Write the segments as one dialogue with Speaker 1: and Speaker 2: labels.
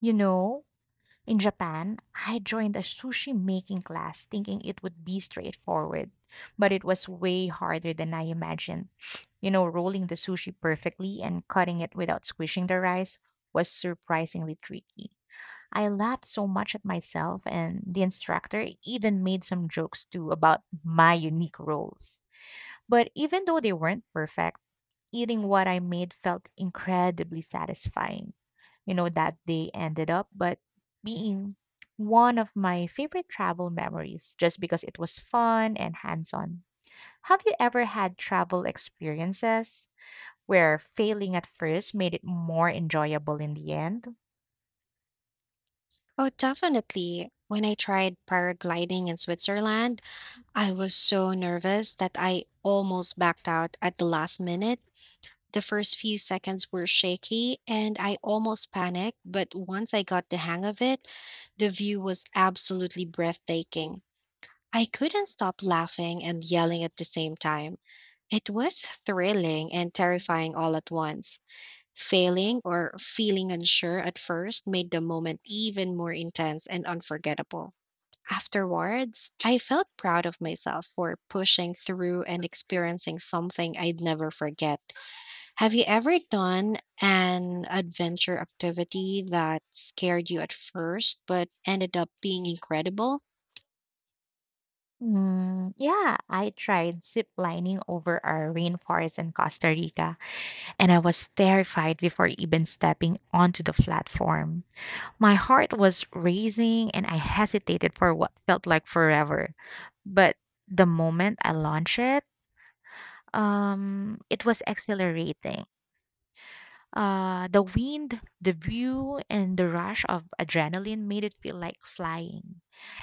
Speaker 1: You know, in Japan, I joined a sushi making class thinking it would be straightforward, but it was way harder than I imagined. Rolling the sushi perfectly and cutting it without squishing the rice was surprisingly tricky. I laughed so much at myself, and the instructor even made some jokes too about my unique roles. But even though they weren't perfect, eating what I made felt incredibly satisfying. That day ended up but being one of my favorite travel memories just because it was fun and hands on. Have you ever had travel experiences where failing at first made it more enjoyable in the end?
Speaker 2: Oh, definitely. When I tried paragliding in Switzerland, I was so nervous that I almost backed out at the last minute. The first few seconds were shaky and I almost panicked, but once I got the hang of it, the view was absolutely breathtaking. I couldn't stop laughing and yelling at the same time. It was thrilling and terrifying all at once. Failing or feeling unsure at first made the moment even more intense and unforgettable. Afterwards, I felt proud of myself for pushing through and experiencing something I'd never forget. Have you ever done an adventure activity that scared you at first but ended up being incredible?
Speaker 1: Mm, yeah, I tried zip lining over our rainforest in Costa Rica, and I was terrified before even stepping onto the platform. My heart was racing and I hesitated for what felt like forever. But the moment I launched it, it was exhilarating. The wind, the view, and the rush of adrenaline made it feel like flying.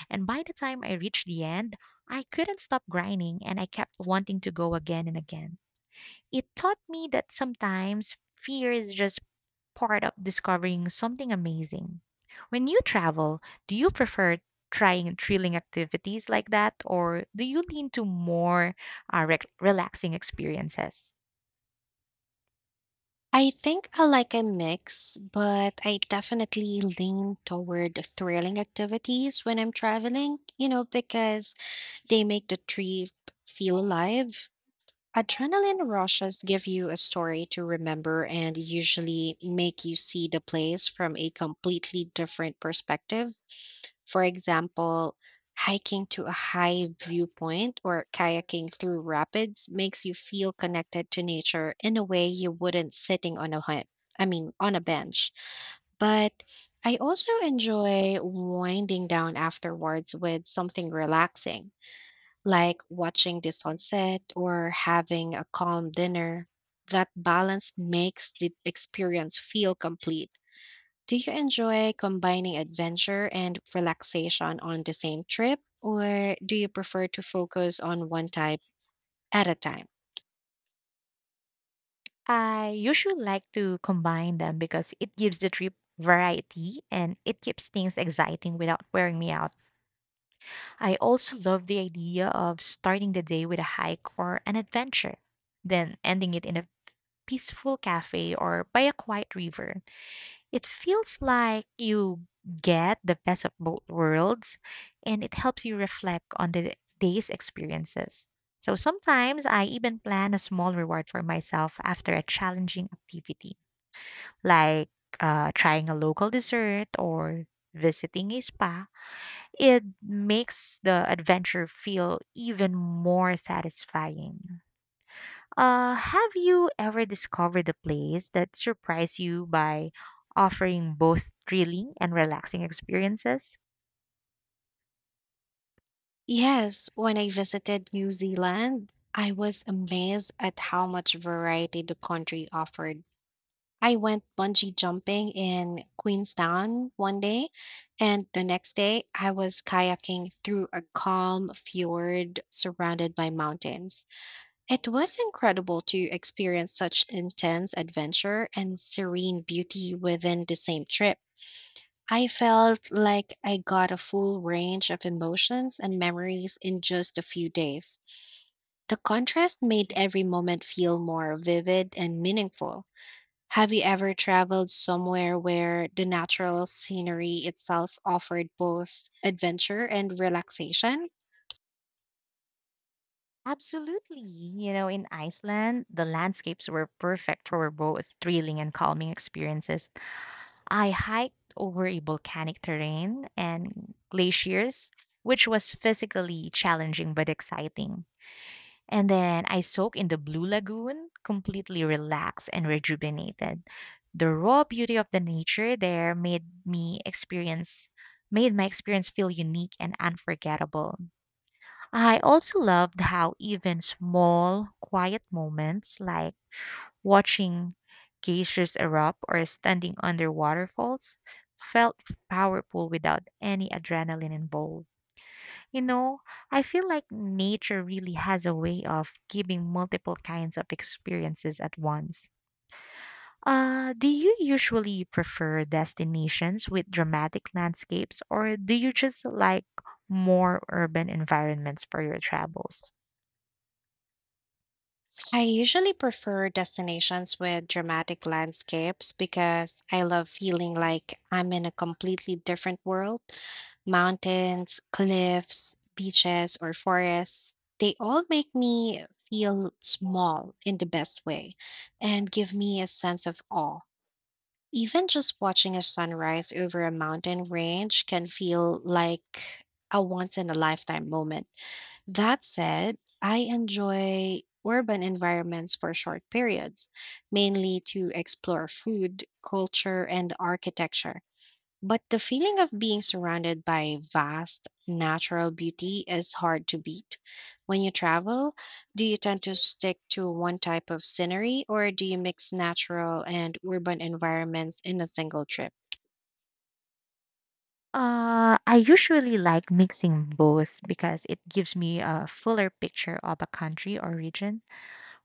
Speaker 1: And by the time I reached the end, I couldn't stop grinding and I kept wanting to go again and again. It taught me that sometimes fear is just part of discovering something amazing. When you travel, do you prefer trying thrilling activities like that, or do you lean to more relaxing experiences?
Speaker 2: I think I like a mix, but I definitely lean toward thrilling activities when I'm traveling, you know, because they make the trip feel alive. Adrenaline rushes give you a story to remember and usually make you see the place from a completely different perspective. For example, hiking to a high viewpoint or kayaking through rapids makes you feel connected to nature in a way you wouldn't sitting on a hut, I mean, on a bench. But I also enjoy winding down afterwards with something relaxing like watching the sunset or having a calm dinner. That balance makes the experience feel complete. Do you enjoy combining adventure and relaxation on the same trip, or do you prefer to focus on one type at a time?
Speaker 1: I usually like to combine them because it gives the trip variety and it keeps things exciting without wearing me out. I also love the idea of starting the day with a hike or an adventure, then ending it in a peaceful cafe or by a quiet river. It feels like you get the best of both worlds and it helps you reflect on the day's experiences. So sometimes I even plan a small reward for myself after a challenging activity, like trying a local dessert or visiting a spa. It makes the adventure feel even more satisfying. Have you ever discovered a place that surprised you by offering both thrilling and relaxing experiences?
Speaker 2: Yes, when I visited New Zealand, I was amazed at how much variety the country offered. I went bungee jumping in Queenstown one day, and the next day I was kayaking through a calm fjord surrounded by mountains. It was incredible to experience such intense adventure and serene beauty within the same trip. I felt like I got a full range of emotions and memories in just a few days. The contrast made every moment feel more vivid and meaningful. Have you ever traveled somewhere where the natural scenery itself offered both adventure and relaxation?
Speaker 1: Absolutely. In Iceland, the landscapes were perfect for both thrilling and calming experiences. I hiked over a volcanic terrain and glaciers, which was physically challenging but exciting. And then I soak in the blue lagoon, completely relaxed and rejuvenated. The raw beauty of the nature there made my experience feel unique and unforgettable. I also loved how even small quiet moments like watching geysers erupt or standing under waterfalls felt powerful without any adrenaline involved. You know, I feel like nature really has a way of giving multiple kinds of experiences at once. Do you usually prefer destinations with dramatic landscapes, or do you just like more urban environments for your travels?
Speaker 2: I usually prefer destinations with dramatic landscapes because I love feeling like I'm in a completely different world. Mountains, cliffs, beaches, or forests, they all make me feel small in the best way and give me a sense of awe. Even just watching a sunrise over a mountain range can feel like a once in a lifetime moment. That said, I enjoy urban environments for short periods, mainly to explore food, culture, and architecture. But the feeling of being surrounded by vast natural beauty is hard to beat. When you travel, do you tend to stick to one type of scenery or do you mix natural and urban environments in a single trip?
Speaker 1: I usually like mixing both because it gives me a fuller picture of a country or region.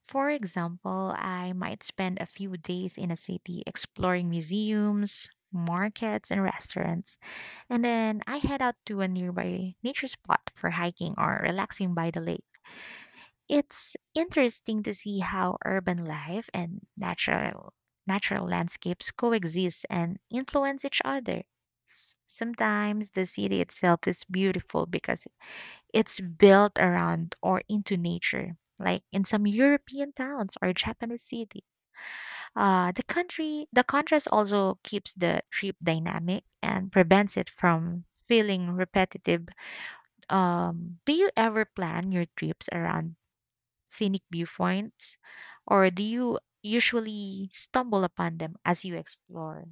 Speaker 1: For example, I might spend a few days in a city exploring museums, markets, and restaurants, and then I head out to a nearby nature spot for hiking or relaxing by the lake. It's interesting to see how urban life and natural landscapes coexist and influence each other. Sometimes the city itself is beautiful because it's built around or into nature, like in some European towns or Japanese cities. The contrast also keeps the trip dynamic and prevents it from feeling repetitive. Do you ever plan your trips around scenic viewpoints, or do you usually stumble upon them as you explore?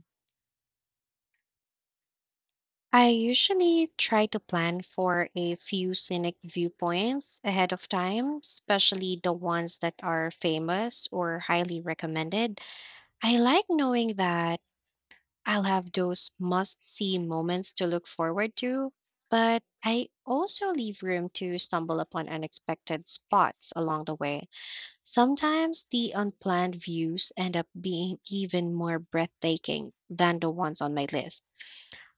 Speaker 2: I usually try to plan for a few scenic viewpoints ahead of time, especially the ones that are famous or highly recommended. I like knowing that I'll have those must see moments to look forward to, but I also leave room to stumble upon unexpected spots along the way. Sometimes the unplanned views end up being even more breathtaking than the ones on my list.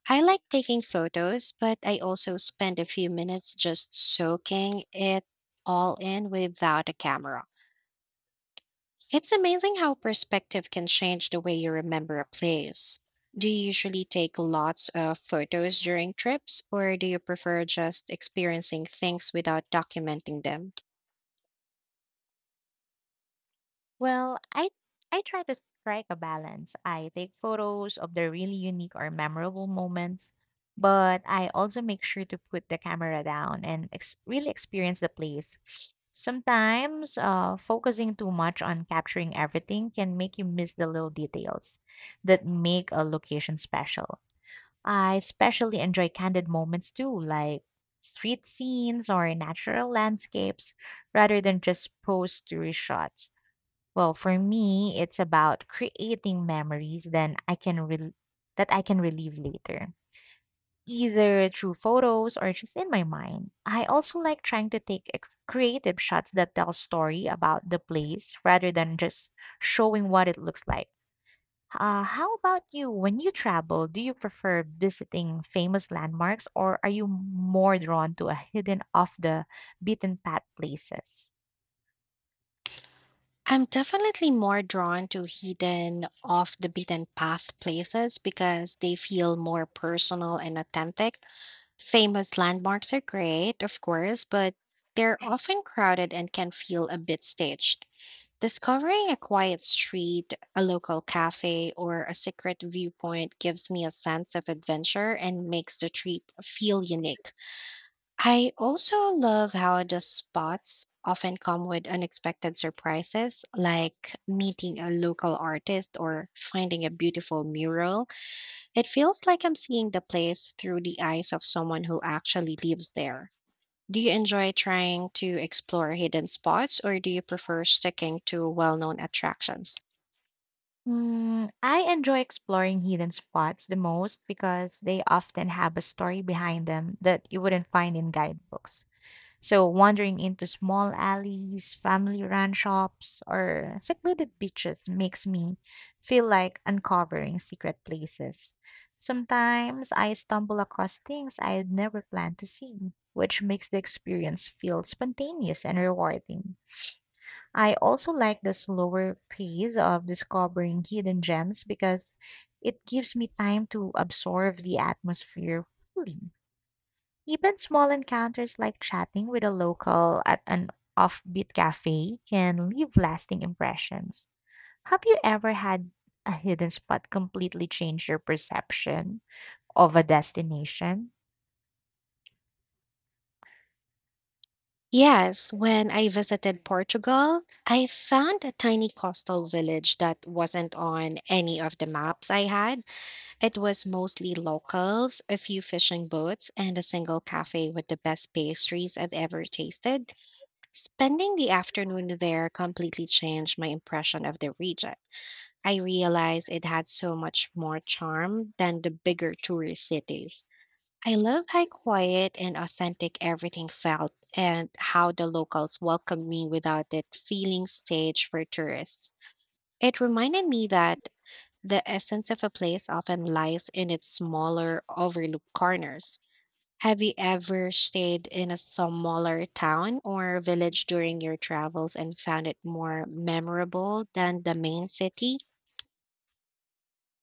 Speaker 2: I like taking photos, but I also spend a few minutes just soaking it all in without a camera. It's amazing how perspective can change the way you remember a place. Do you usually take lots of photos during trips, or do you prefer just experiencing things without documenting them?
Speaker 1: Well, I try to strike a balance. I take photos of the really unique or memorable moments, but I also make sure to put the camera down and really experience the place. Sometimes, focusing too much on capturing everything can make you miss the little details that make a location special. I especially enjoy candid moments too, like street scenes or natural landscapes, rather than just post to reshots. Well, for me, it's about creating memories then I can rel that I can relive later, either through photos or just in my mind. I also like trying to take creative shots that tell story about the place rather than just showing what it looks like. How about you? When you travel, do you prefer visiting famous landmarks or are you more drawn to a hidden off the beaten path places?
Speaker 2: I'm definitely more drawn to hidden, off the beaten path places because they feel more personal and authentic. Famous landmarks are great, of course, but they're often crowded and can feel a bit staged. Discovering a quiet street, a local cafe, or a secret viewpoint gives me a sense of adventure and makes the trip feel unique. I also love how the spots often come with unexpected surprises, like meeting a local artist or finding a beautiful mural. It feels like I'm seeing the place through the eyes of someone who actually lives there. Do you enjoy trying to explore hidden spots or do you prefer sticking to well known attractions?
Speaker 1: Mm, I enjoy exploring hidden spots the most because they often have a story behind them that you wouldn't find in guidebooks. So, wandering into small alleys, family run shops, or secluded beaches makes me feel like uncovering secret places. Sometimes I stumble across things I had never planned to see, which makes the experience feel spontaneous and rewarding. I also like the slower pace of discovering hidden gems because it gives me time to absorb the atmosphere fully. Even small encounters like chatting with a local at an offbeat cafe can leave lasting impressions. Have you ever had a hidden spot completely change your perception of a destination?
Speaker 2: Yes, when I visited Portugal, I found a tiny coastal village that wasn't on any of the maps I had. It was mostly locals, a few fishing boats, and a single cafe with the best pastries I've ever tasted. Spending the afternoon there completely changed my impression of the region. I realized it had so much more charm than the bigger tourist cities. I love how quiet and authentic everything felt and how the locals welcomed me without it feeling staged for tourists. It reminded me that the essence of a place often lies in its smaller, overlooked corners. Have you ever stayed in a smaller town or village during your travels and found it more memorable than the main city?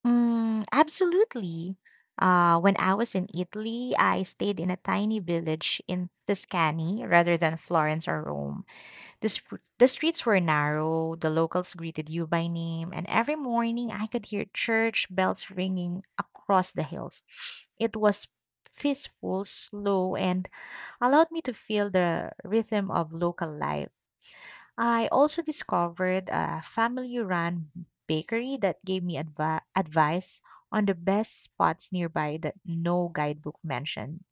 Speaker 1: Mm, absolutely. When I was in Italy, I stayed in a tiny village in Tuscany rather than Florence or Rome. The streets were narrow, the locals greeted you by name, and every morning I could hear church bells ringing across the hills. It was peaceful, slow, and allowed me to feel the rhythm of local life. I also discovered a family run bakery that gave me advice on the best spots nearby that no guidebook mentioned.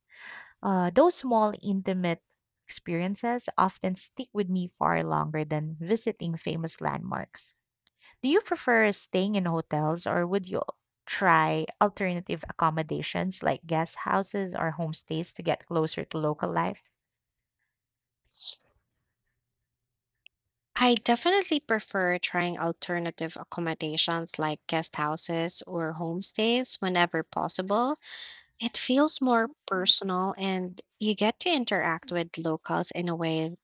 Speaker 1: Those small, intimate experiences often stick with me far longer than visiting famous landmarks. Do you prefer staying in hotels or would you try alternative accommodations like guest houses or homestays to get closer to local life?
Speaker 2: I definitely prefer trying alternative accommodations like guest houses or homestays whenever possible. It feels more personal and you get to interact with locals in a way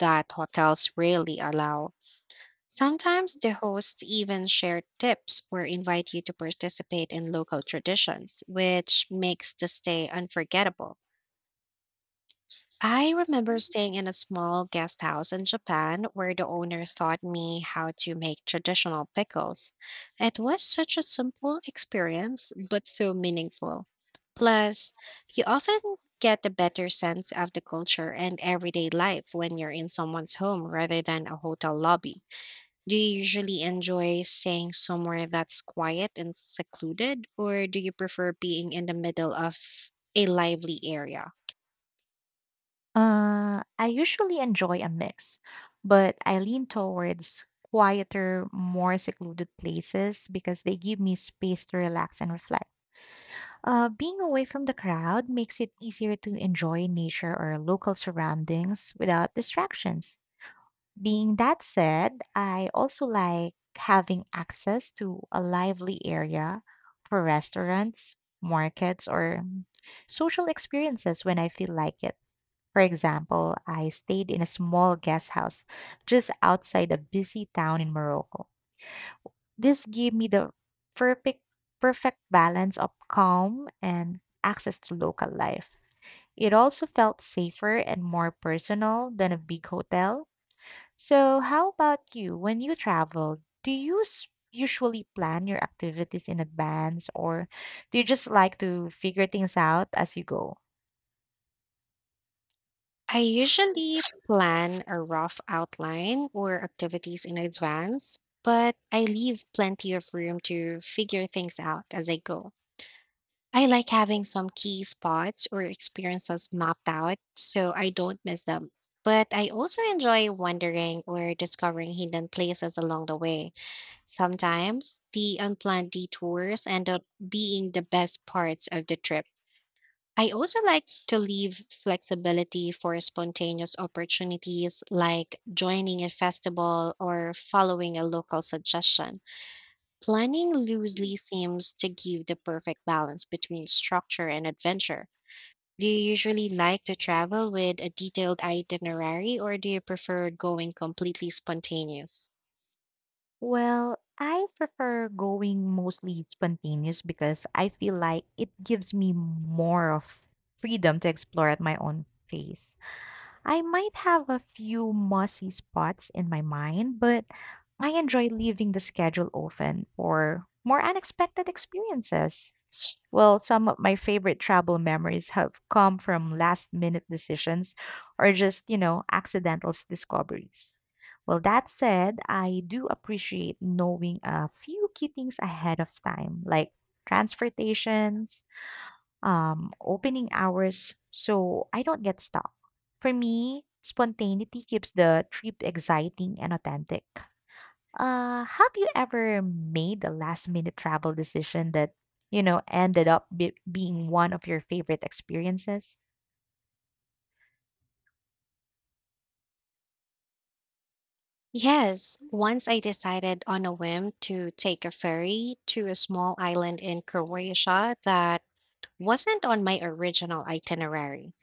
Speaker 2: that hotels rarely allow. Sometimes the hosts even share tips or invite you to participate in local traditions, which makes the stay unforgettable. I remember staying in a small guest house in Japan where the owner taught me how to make traditional pickles. It was such a simple experience, but so meaningful. Plus, you often get a better sense of the culture and everyday life when you're in someone's home rather than a hotel lobby. Do you usually enjoy staying somewhere that's quiet and secluded, or do you prefer being in the middle of a lively area?
Speaker 1: I usually enjoy a mix, but I lean towards quieter, more secluded places because they give me space to relax and reflect. Being away from the crowd makes it easier to enjoy nature or local surroundings without distractions. Being that said, I also like having access to a lively area for restaurants, markets, or social experiences when I feel like it. For example, I stayed in a small guest house just outside a busy town in Morocco. This gave me the perfect perfect balance of calm and access to local life. It also felt safer and more personal than a big hotel. So, how about you? When you travel, do you usually plan your activities in advance or do you just like to figure things out as you go?
Speaker 2: I usually plan a rough outline or activities in advance, but I leave plenty of room to figure things out as I go. I like having some key spots or experiences mapped out so I don't miss them. But I also enjoy wandering or discovering hidden places along the way. Sometimes the unplanned detours end up being the best parts of the trip. I also like to leave flexibility for spontaneous opportunities like joining a festival or following a local suggestion. Planning loosely seems to give the perfect balance between structure and adventure. Do you usually like to travel with a detailed itinerary or do you prefer going completely spontaneous?
Speaker 1: Well, I prefer going mostly spontaneous because I feel like it gives me more of freedom to explore at my own pace. I might have a few mossy spots in my mind, but I enjoy leaving the schedule open for more unexpected experiences. Well, some of my favorite travel memories have come from last minute decisions or just, you know, accidental discoveries. Well, that said, I do appreciate knowing a few key things ahead of time, like transportation, opening hours so I don't get stuck. For me, spontaneity keeps the trip exciting and authentic. Have you ever made a last minute travel decision that, you know, ended up being one of your favorite experiences?
Speaker 2: Yes, once I decided on a whim to take a ferry to a small island in Croatia that wasn't on my original itinerary.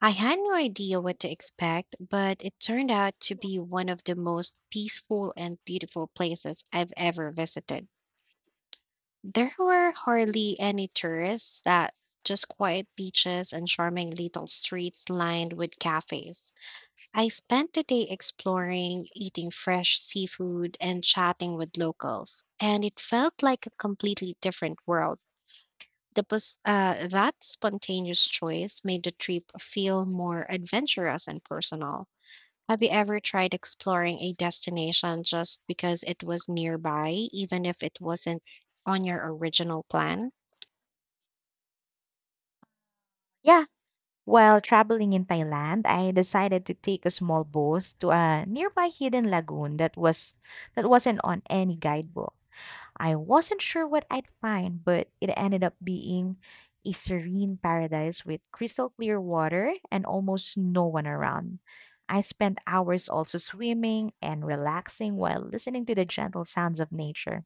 Speaker 2: I had no idea what to expect, but it turned out to be one of the most peaceful and beautiful places I've ever visited. There were hardly any tourists, that just quiet beaches and charming little streets lined with cafes. I spent the day exploring, eating fresh seafood, and chatting with locals, and it felt like a completely different world. That spontaneous choice made the trip feel more adventurous and personal. Have you ever tried exploring a destination just because it was nearby, even if it wasn't on your original plan?
Speaker 1: Yeah. While traveling in Thailand, I decided to take a small boat to a nearby hidden lagoon that wasn't on any guidebook. I wasn't sure what I'd find, but it ended up being a serene paradise with crystal clear water and almost no one around. I spent hours also swimming and relaxing while listening to the gentle sounds of nature.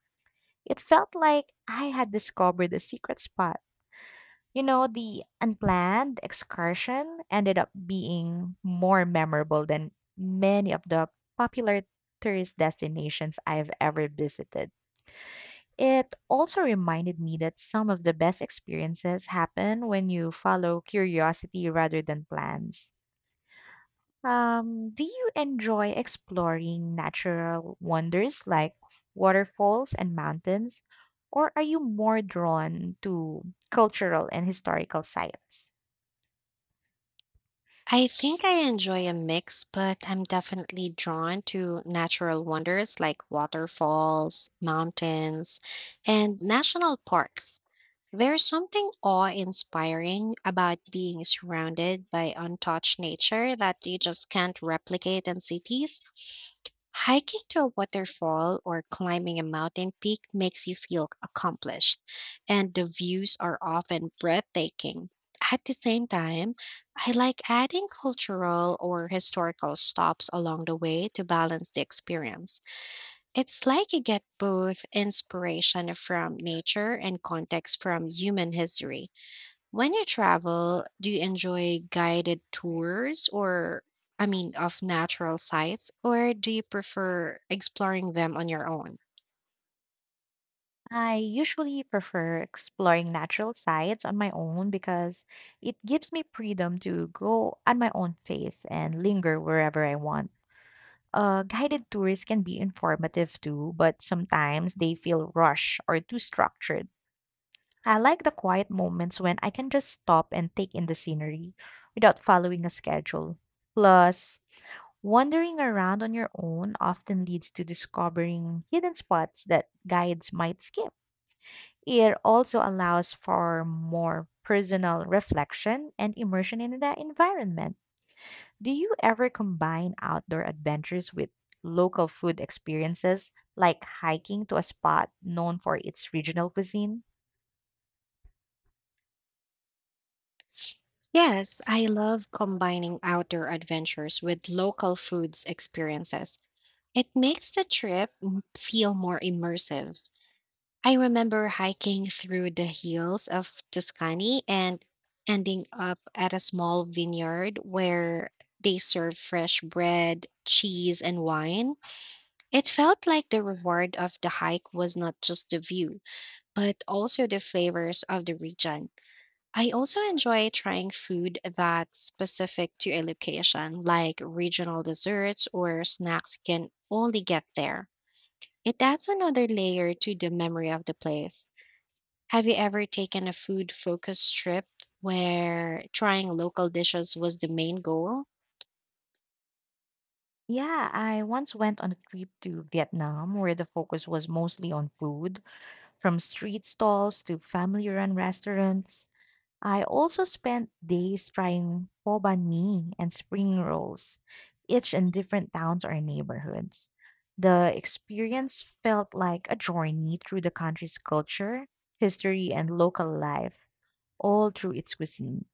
Speaker 1: It felt like I had discovered a secret spot. The unplanned excursion ended up being more memorable than many of the popular tourist destinations I've ever visited. It also reminded me that some of the best experiences happen when you follow curiosity rather than plans. Do you enjoy exploring natural wonders like waterfalls and mountains, or are you more drawn to cultural and historical sites?
Speaker 2: I think I enjoy a mix, but I'm definitely drawn to natural wonders like waterfalls, mountains, and national parks. There's something awe-inspiring about being surrounded by untouched nature that you just can't replicate in cities. Hiking to a waterfall or climbing a mountain peak makes you feel accomplished, and the views are often breathtaking. At the same time, I like adding cultural or historical stops along the way to balance the experience. It's like you get both inspiration from nature and context from human history. When you travel, do you enjoy guided tours or, I mean, of natural sites, or do you prefer exploring them on your own?
Speaker 1: I usually prefer exploring natural sites on my own because it gives me freedom to go at my own pace and linger wherever I want. Guided tours can be informative too, but sometimes they feel rushed or too structured. I like the quiet moments when I can just stop and take in the scenery without following a schedule. Plus, wandering around on your own often leads to discovering hidden spots that guides might skip. It also allows for more personal reflection and immersion in the environment. Do you ever combine outdoor adventures with local food experiences, like hiking to a spot known for its regional cuisine?
Speaker 2: Yes, I love combining outdoor adventures with local foods experiences. It makes feel more immersive. I remember hiking through the hills of Tuscany and ending up at a small vineyard where they serve fresh bread, cheese, and wine. It felt like the reward of the hike was not just the view, but also the flavors of the region. I also enjoy trying food that's specific to a location, like regional desserts or snacks you can only get there. It adds another layer to the memory of the place. Have you ever taken a food focused trip where trying local dishes was the main goal?
Speaker 1: Yeah, I once went on a trip to Vietnam where the focus was mostly on food, from street stalls to family run restaurants. I also spent days trying po banh mi and spring rolls, each in different towns or neighborhoods. The experience felt like a journey through the country's culture, history, and local life, all through its cuisine.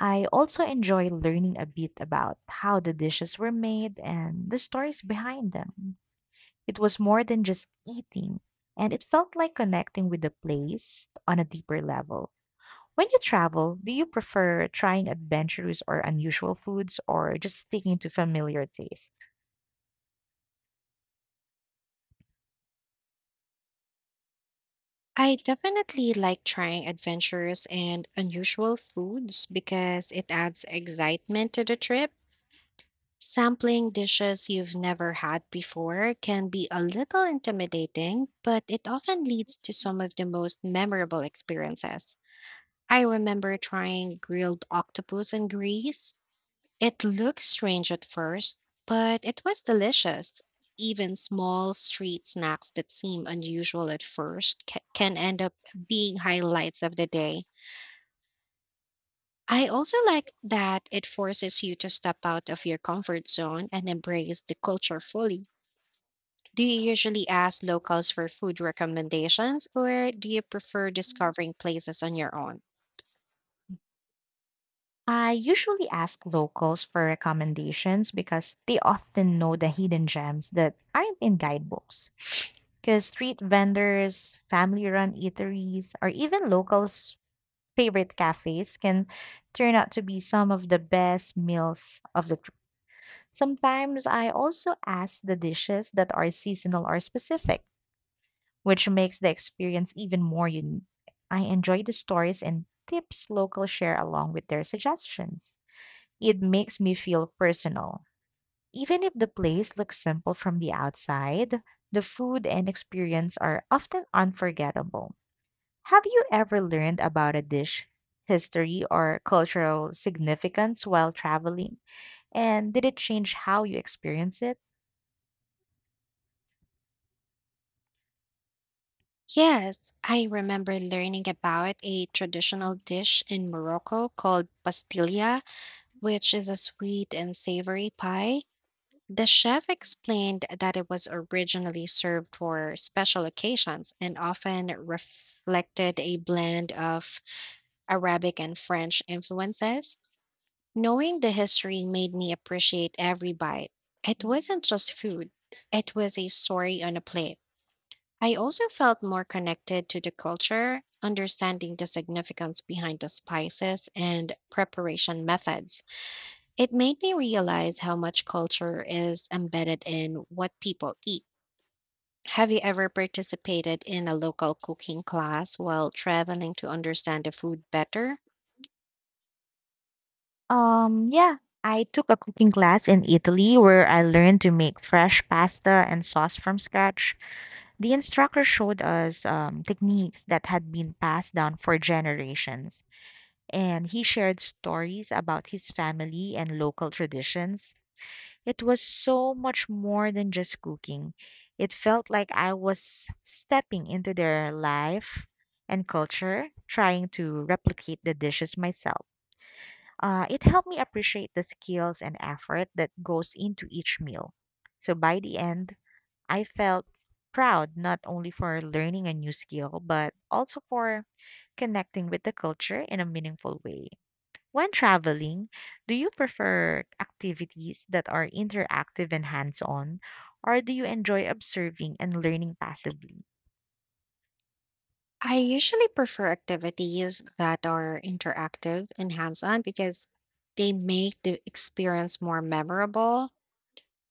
Speaker 1: I also enjoy learning a bit about how the dishes were made and the stories behind them. It was more than just eating, and it felt like connecting with the place on a deeper level. When you travel, do you prefer trying adventurous or unusual foods or just sticking to familiar taste?
Speaker 2: I definitely like trying adventures and unusual foods because it adds excitement to the trip. Sampling dishes you've never had before can be a little intimidating, but it often leads to some of the most memorable experiences. I remember trying grilled octopus in Greece, it looked strange at first, but it was delicious. Even small street snacks that seem unusual at first can end up being highlights of the day. I also like that it forces you to step out of your comfort zone and embrace the culture fully. Do you usually ask locals for food recommendations, or do you prefer discovering places on your own?
Speaker 1: I usually ask locals for recommendations because they often know the hidden gems that aren't in guidebooks. Because street vendors, family run eateries, or even locals' favorite cafes can turn out to be some of the best meals of the trip. Sometimes I also ask the dishes that are seasonal or specific which makes the experience even more unique. I enjoy the stories and tips locals share along with their suggestions. It makes me feel personal. Even if the place looks simple from the outside, the food and experience are often unforgettable. Have you ever learned about a dish, history, or cultural significance while traveling? And did it change how you experience it?
Speaker 2: Yes, I remember learning about a traditional dish in Morocco called pastilla which is a sweet and savory pie. The chef explained that it was originally served for special occasions and often reflected a blend of Arabic and French influences. Knowing the history made me appreciate every bite. It wasn't just food, it was a story on a plate. I also felt more connected to the culture, understanding the significance behind the spices and preparation methods. It made me realize how much culture is embedded in what people eat. Have you ever participated in a local cooking class while traveling to understand the food better?
Speaker 1: Yeah, I took a cooking class in Italy where I learned to make fresh pasta and sauce from scratch. The instructor showed us techniques that had been passed down for generations, and he shared stories about his family and local traditions. It was so much more than just cooking. It felt like I was stepping into their life and culture, trying to replicate the dishes myself. It helped me appreciate the skills and effort that goes into each meal. So by the end, I felt proud not only for learning a new skill, but also for connecting with the culture in a meaningful way. When traveling, do you prefer activities that are interactive and hands on, or do you enjoy observing and learning passively?
Speaker 2: I usually prefer activities that are interactive and hands on because they make the experience more memorable.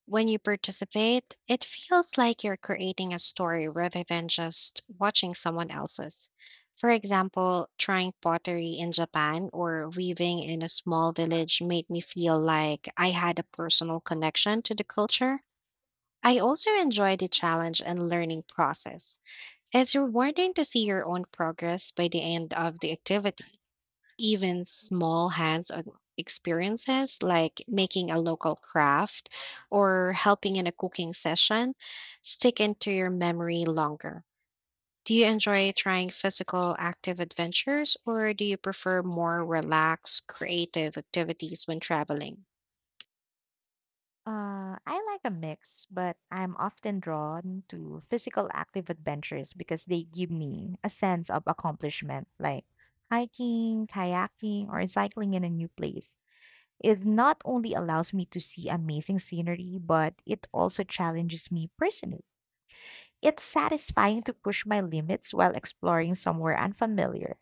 Speaker 2: When you participate, it feels like you're creating a story rather than just watching someone else's. For example, trying pottery in Japan or weaving in a small village made me feel like I had a personal connection to the culture. I also enjoy the challenge and learning process. It's rewarding to see your own progress by the end of the activity. Even small hands on experiences like making a local craft or helping in a cooking session stick into your memory longer. Do you enjoy trying physical active adventures or do you prefer more relaxed creative activities when traveling?
Speaker 1: I like a mix, but I'm often drawn to physical active adventures because they give me a sense of accomplishment, like hiking, kayaking, or cycling in a new place. It not only allows me to see amazing scenery, but it also challenges me personally. It's satisfying to push my limits while exploring somewhere unfamiliar.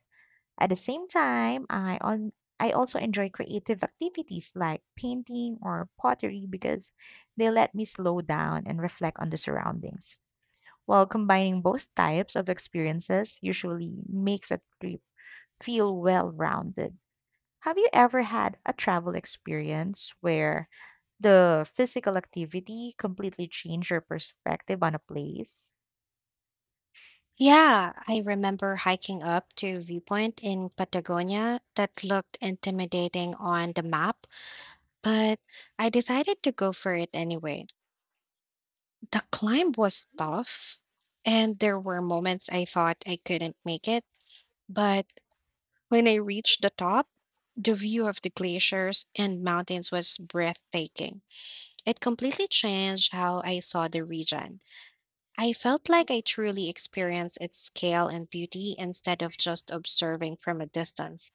Speaker 1: At the same time, I also enjoy creative activities like painting or pottery because they let me slow down and reflect on the surroundings. While combining both types of experiences usually makes a trip feel well-rounded. Have you ever had a travel experience where the physical activity completely changed your perspective on a place?
Speaker 2: Yeah, I remember hiking up to viewpoint in Patagonia that looked intimidating on the map, but I decided to go for it anyway. The climb was tough, and there were moments I thought I couldn't make it. But when I reached the top, the view of the glaciers and mountains was breathtaking. It completely changed how I saw the region. I felt like I truly experienced its scale and beauty instead of just observing from a distance.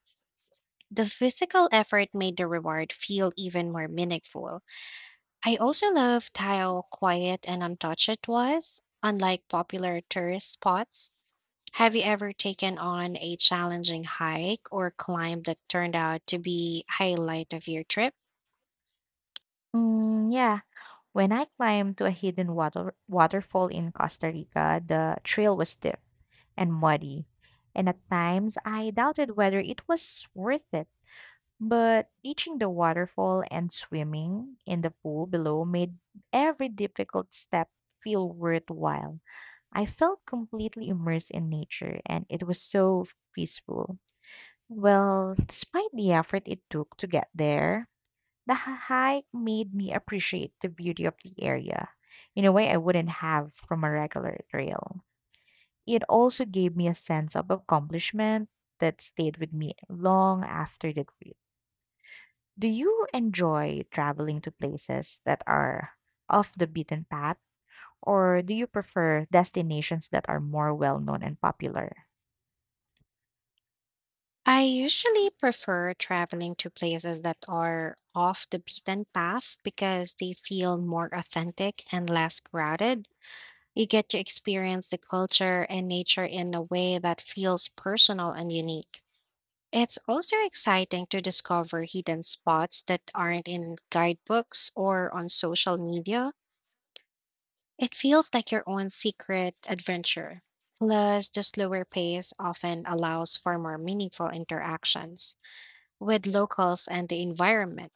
Speaker 2: The physical effort made the reward feel even more meaningful. I also loved how quiet and untouched it was, unlike popular tourist spots. Have you ever taken on a challenging hike or climb that turned out to be highlight of your trip?
Speaker 1: Yeah, when I climbed to a hidden waterfall in Costa Rica, the trail was steep and muddy, and at times I doubted whether it was worth it. But reaching the waterfall and swimming in the pool below made every difficult step feel worthwhile. I felt completely immersed in nature, and it was so peaceful. Well, despite the effort it took to get there, the hike made me appreciate the beauty of the area in a way I wouldn't have from a regular trail. It also gave me a sense of accomplishment that stayed with me long after the trip. Do you enjoy traveling to places that are off the beaten path, or do you prefer destinations that are more well known and popular?
Speaker 2: I usually prefer traveling to places that are off the beaten path because they feel more authentic and less crowded. You get to experience the culture and nature in a way that feels personal and unique. It's also exciting to discover hidden spots that aren't in guidebooks or on social media. It feels like your own secret adventure. Plus, the slower pace often allows for more meaningful interactions with locals and the environment.